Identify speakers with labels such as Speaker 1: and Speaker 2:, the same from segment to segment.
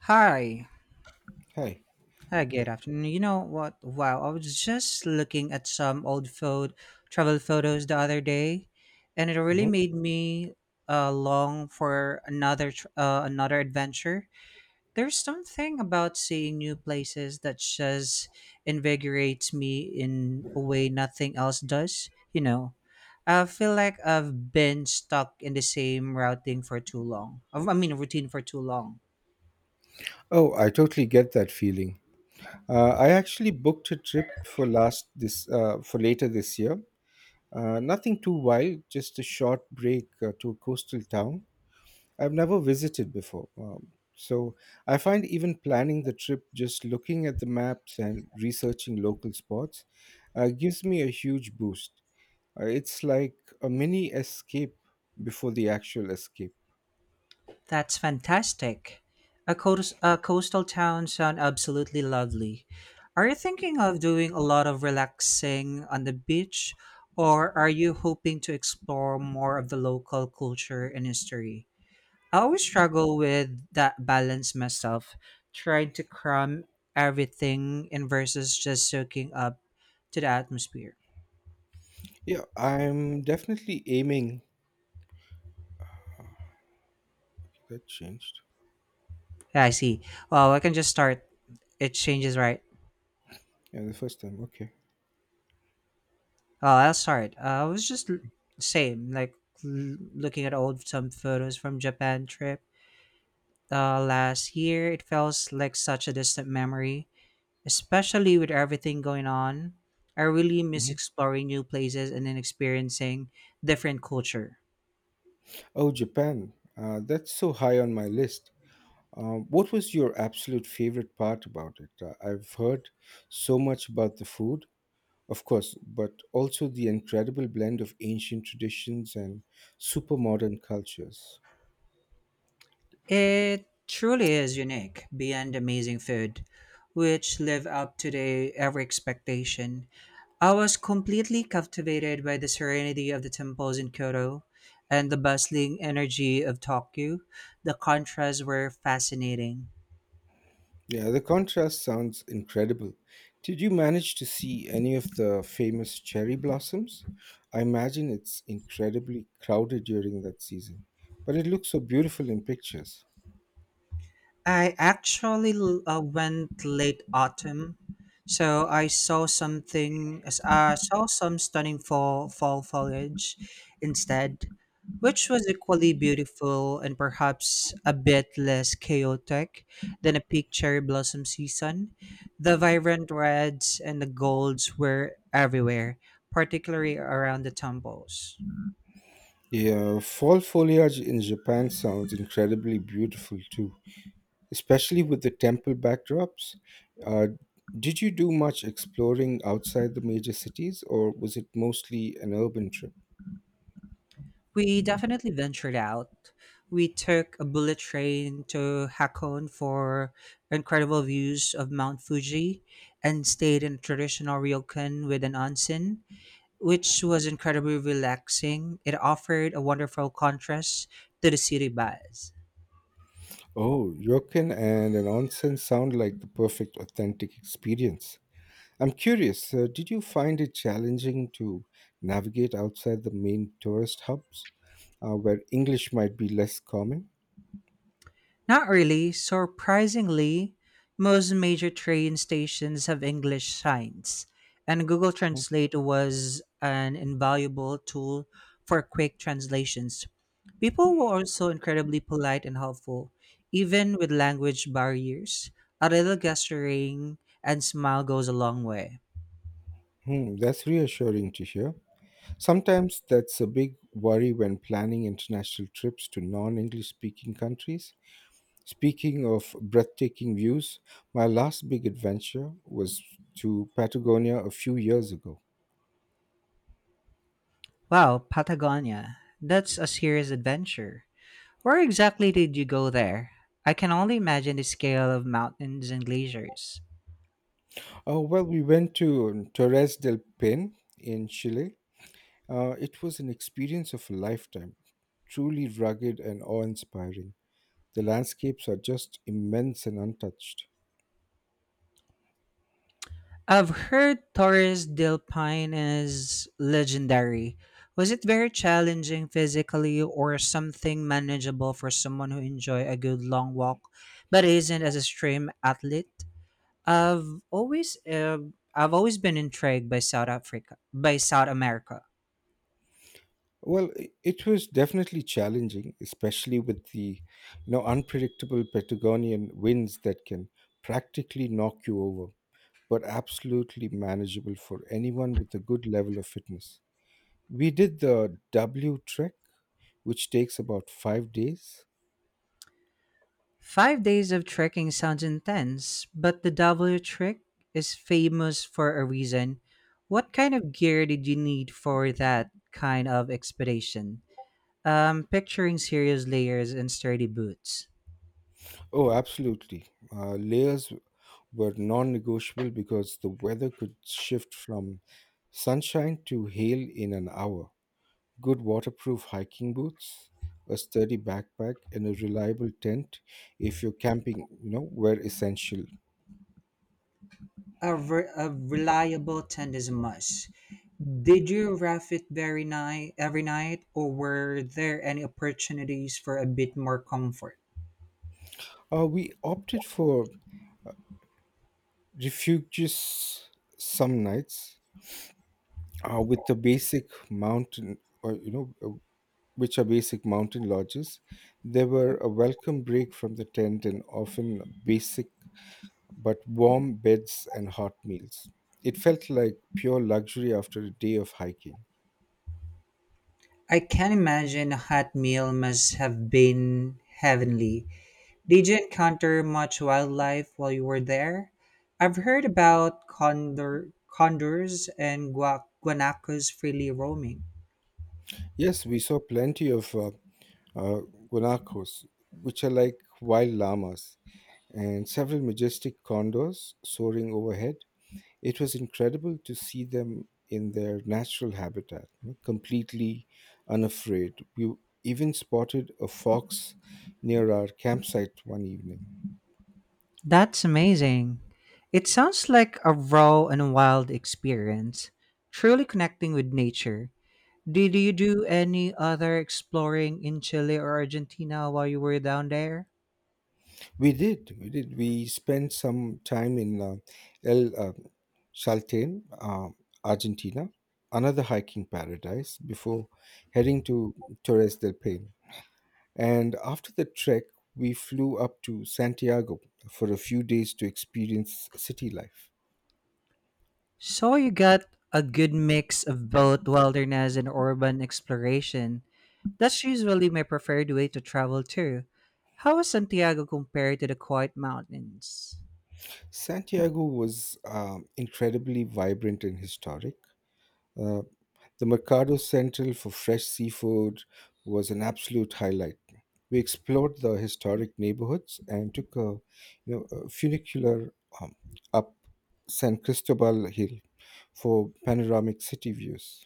Speaker 1: Hi.
Speaker 2: Hi.
Speaker 1: Hi, good
Speaker 2: Hi.
Speaker 1: afternoon. You know what? Wow, I was just looking at some old photo travel photos the other day, and it really
Speaker 2: Mhm.
Speaker 1: made me long for another adventure. There's something about seeing new places that just invigorates me in a way nothing else does. I feel like I've been stuck in the same routing for too long. I mean, routine for too long.
Speaker 2: Oh, I totally get that feeling. I actually booked a trip for last this for later this year. Nothing too wild, just a short break to a coastal town I've never visited before. So I find even planning the trip, just looking at the maps and researching local spots, gives me a huge boost. It's like a mini escape before the actual escape.
Speaker 1: That's fantastic. A coastal town sound absolutely lovely. Are you thinking of doing a lot of relaxing on the beach, or are you hoping to explore more of the local culture and history? I always struggle with that balance myself, trying to cram everything in versus just soaking up to the atmosphere.
Speaker 2: Yeah, I'm definitely aiming. That changed.
Speaker 1: Yeah, I see. Well, I can just start, it changes, right?
Speaker 2: Yeah, the first time. Okay.
Speaker 1: oh I'll I was just l- same like looking at old some photos from Japan trip. Last year it feels like such a distant memory, especially with everything going on. I really miss
Speaker 2: Mhm.
Speaker 1: exploring new places and then experiencing different culture.
Speaker 2: Oh, Japan. That's so high on my list. What was your absolute favorite part about it? I've heard so much about the food, of course, but also the incredible blend of ancient traditions and super modern cultures.
Speaker 1: It truly is unique beyond amazing food, which live up to the every expectation. I was completely captivated by the serenity of the temples in Kyoto and the bustling energy of Tokyo. The contrasts were fascinating.
Speaker 2: Yeah, the contrast sounds incredible. Did you manage to see any of the famous cherry blossoms? I imagine it's incredibly crowded during that season, but it looks so beautiful in pictures.
Speaker 1: I actually went late autumn, so I saw something. I saw some stunning fall foliage instead, which was equally beautiful and perhaps a bit less chaotic than a peak cherry blossom season. The vibrant reds and the golds were everywhere, particularly around the temples.
Speaker 2: Yeah, fall foliage in Japan sounds incredibly beautiful too, especially with the temple backdrops. Uh, did you do much exploring outside the major cities, or was it mostly an urban trip?
Speaker 1: We definitely ventured out. We took a bullet train to Hakone for incredible views of Mount Fuji and stayed in a traditional ryokan with an onsen, which was incredibly relaxing. It offered a wonderful contrast to the city baths.
Speaker 2: Oh, ryokan and an onsen sound like the perfect authentic experience. I'm curious, did you find it challenging to navigate outside the main tourist hubs, where English might be less common?
Speaker 1: Not really. Surprisingly, most major train stations have English signs, and Google
Speaker 2: Hmm,
Speaker 1: Translate was an invaluable tool for quick translations. People were also incredibly polite and helpful, even with language barriers. A little gesturing and smile goes a long way.
Speaker 2: hmm, that's reassuring to hear. Sometimes that's a big worry when planning international trips to non English speaking countries. Speaking of breathtaking views, my last big adventure was to Patagonia a few years ago.
Speaker 1: Wow, Patagonia. That's a serious adventure. Where exactly did you go there? I can only imagine the scale of mountains and glaciers.
Speaker 2: Oh, well, we went to Torres del Paine in Chile. It was an experience of a lifetime, truly rugged and awe inspiring. The landscapes are just immense and untouched.
Speaker 1: I've heard Torres del Paine is legendary. Was it very challenging physically or something manageable for someone who enjoy a good long walk but isn't as a stream athlete? I've always uh, I've always been intrigued by South Africa, by South America.
Speaker 2: Well, it was definitely challenging, especially with the you know unpredictable Patagonian winds that can practically knock you over, but absolutely manageable for anyone with a good level of fitness. We did the W trek, which takes about 5 days.
Speaker 1: 5 days of trekking sounds intense, but the W trek is famous for a reason. What kind of gear did you need for that kind of expedition? Picturing serious layers and sturdy boots.
Speaker 2: Oh, absolutely. Layers were non negotiable because the weather could shift from sunshine to hail in an hour. Good waterproof hiking boots, a sturdy backpack, and a reliable tent if you're camping, you know, were essential.
Speaker 1: A reliable tent is a must. Did you rough it very night every night, or were there any opportunities for a bit more comfort?
Speaker 2: We opted for refuges some nights with the basic mountain, or, you know, which are basic mountain lodges. They were a welcome break from the tent and often basic but warm beds and hot meals. It felt like pure luxury after a day of hiking.
Speaker 1: I can imagine a hot meal must have been heavenly. Did you encounter much wildlife while you were there? I've heard about condors and guanacos freely roaming.
Speaker 2: Yes, we saw plenty of uh, guanacos, which are like wild llamas, and several majestic condors soaring overhead. It was incredible to see them in their natural habitat, you know, completely unafraid. We even spotted a fox near our campsite one evening.
Speaker 1: That's amazing. It sounds like a raw and wild experience, truly connecting with nature. Did you do any other exploring in Chile or Argentina while you were down there?
Speaker 2: We did. We spent some time in El Salten, Argentina, another hiking paradise, before heading to Torres del Paine. And after the trek, we flew up to Santiago for a few days to experience city life.
Speaker 1: So you got a good mix of both wilderness and urban exploration. That's usually my preferred way to travel too. How is Santiago compared to the quiet mountains?
Speaker 2: Santiago was incredibly vibrant and historic. Uh, the Mercado Central for fresh seafood was an absolute highlight. We explored the historic neighborhoods and took a, you know, a funicular um, up San Cristobal Hill for panoramic city views.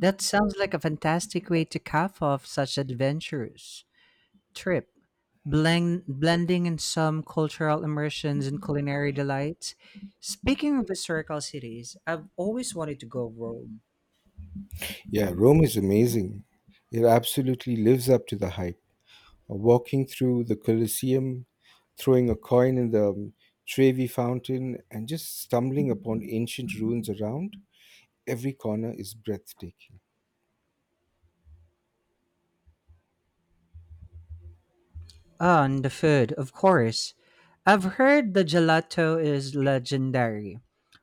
Speaker 1: That sounds like a fantastic way to cap off such adventures trip, blending in some cultural immersions and culinary delights. Speaking of historical cities, I've always wanted to go Rome.
Speaker 2: Yeah, Rome is amazing. It absolutely lives up to the hype. Walking through the Colosseum, throwing a coin in the Trevi fountain, and just stumbling upon ancient ruins around every corner is breathtaking.
Speaker 1: Ah, and the food, of course. I've heard the gelato is legendary.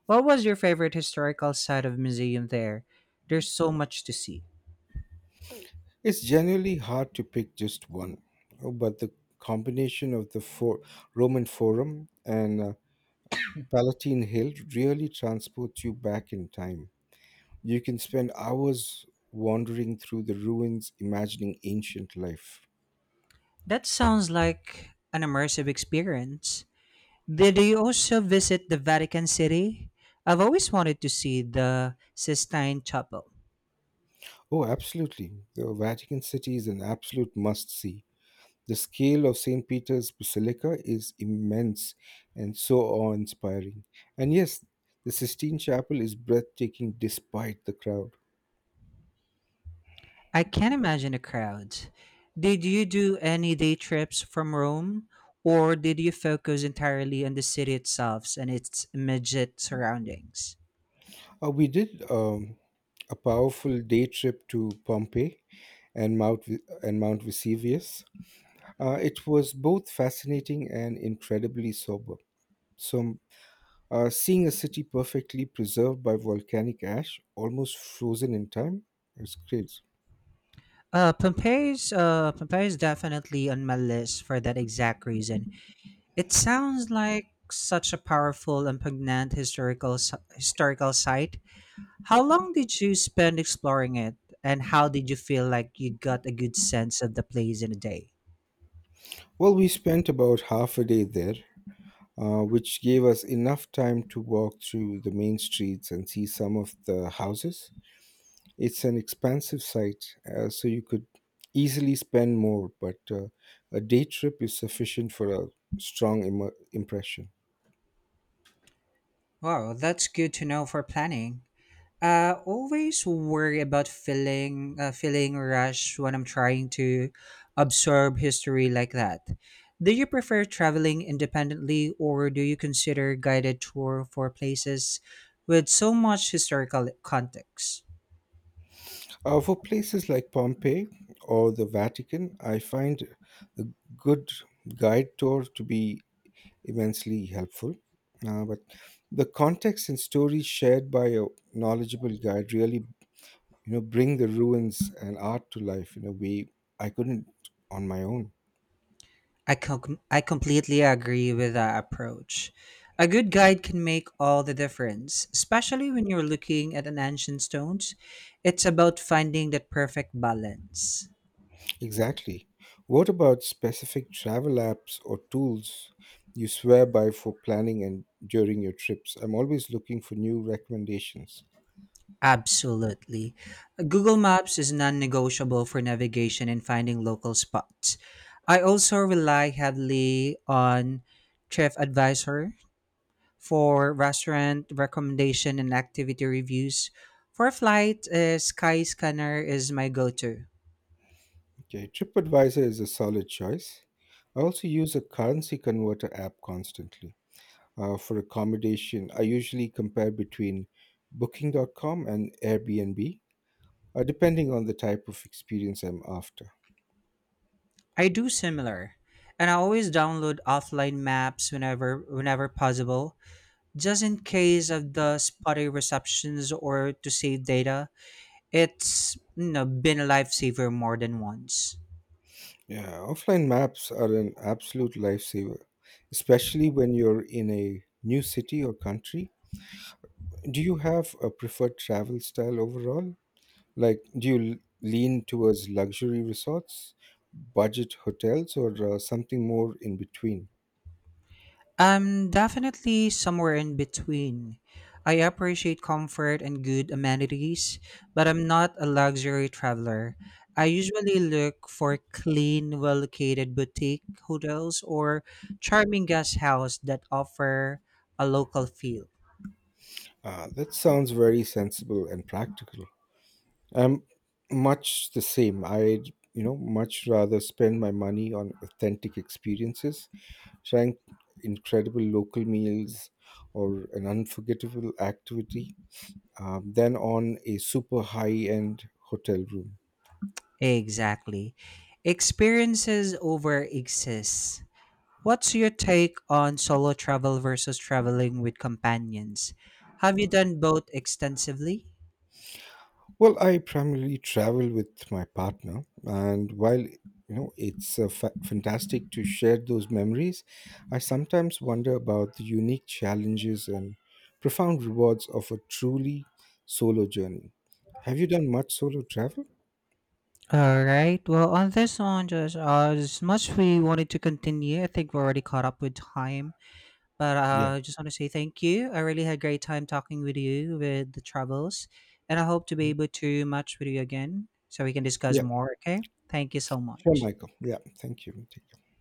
Speaker 1: What was your favorite historical site of museum there? There's so much to see.
Speaker 2: It's genuinely hard to pick just one, but the combination of the Roman Forum and Palatine Hill really transports you back in time. You can spend hours wandering through the ruins, imagining ancient life.
Speaker 1: That sounds like an immersive experience. Did you also visit the Vatican City? I've always wanted to see the Sistine Chapel.
Speaker 2: Oh, absolutely. The Vatican City is an absolute must see. The scale of St. Peter's Basilica is immense and so awe inspiring. And yes, the Sistine Chapel is breathtaking despite the crowd.
Speaker 1: I can't imagine the crowds. Did you do any day trips from Rome, or did you focus entirely on the city itself and its immediate surroundings?
Speaker 2: We did a powerful day trip to Pompeii and Mount Vesuvius. It was both fascinating and incredibly sober. So Seeing a city perfectly preserved by volcanic ash, almost frozen in time, is great.
Speaker 1: Pompeii is definitely on my list for that exact reason. It sounds like such a powerful and poignant historical site. How long did you spend exploring it, and how did you feel like you got a good sense of the place in a day?
Speaker 2: Well, we spent about half a day there, which gave us enough time to walk through the main streets and see some of the houses. It's an expansive site, so you could easily spend more, but a day trip is sufficient for a strong impression.
Speaker 1: Wow, that's good to know for planning. I always worry about feeling rush when I'm trying to absorb history like that. Do you prefer traveling independently or do you consider guided tour for places with so much historical context?
Speaker 2: For places like Pompeii or the Vatican, I find a good guide tour to be immensely helpful. But the context and stories shared by a knowledgeable guide really, you know, bring the ruins and art to life in a way I couldn't on my own.
Speaker 1: I completely agree with that approach. A good guide can make all the difference, especially when you're looking at an ancient stones. It's about finding that perfect balance.
Speaker 2: Exactly. What about specific travel apps or tools you swear by for planning and during your trips? I'm always looking for new recommendations.
Speaker 1: Absolutely. Google Maps is non negotiable for navigation and finding local spots. I also rely heavily on Chef Advisor for restaurant recommendation and activity reviews. For flight, Skyscanner is my go to.
Speaker 2: Okay, TripAdvisor is a solid choice. I also use a currency converter app constantly. For accommodation, I usually compare between booking.com and Airbnb, depending on the type of experience I'm after.
Speaker 1: I do similar. And I always download offline maps whenever possible, just in case of the spotty receptions or to save data. It's been a lifesaver more than once.
Speaker 2: Yeah, offline maps are an absolute lifesaver, especially when you're in a new city or country. Do you have a preferred travel style overall? Like, do you lean towards luxury resorts, budget hotels, or something more in between?
Speaker 1: I'm definitely somewhere in between. I appreciate comfort and good amenities, but I'm not a luxury traveler. I usually look for clean, well located boutique hotels or charming guest house that offer a local feel.
Speaker 2: Ah, that sounds very sensible and practical. I'm much the same. I'd, you know, much rather spend my money on authentic experiences, trying incredible local meals or an unforgettable activity, than on a super high end hotel room.
Speaker 1: Exactly. Experiences over exists. What's your take on solo travel versus traveling with companions? Have you done both extensively?
Speaker 2: Well, I primarily travel with my partner, and while you know it's fantastic to share those memories, I sometimes wonder about the unique challenges and profound rewards of a truly solo journey. Have you done much solo travel?
Speaker 1: All right. Well, on this one, just as much we wanted to continue, I think we're already caught up with time. But
Speaker 2: Yeah,
Speaker 1: I just want to say thank you. I really had great time talking with you with the travels, and I hope to be able to match with you again so we can discuss
Speaker 2: yeah,
Speaker 1: more. Okay. Thank you so
Speaker 2: sure,
Speaker 1: much.
Speaker 2: Michael. Yeah, thank you. Take care.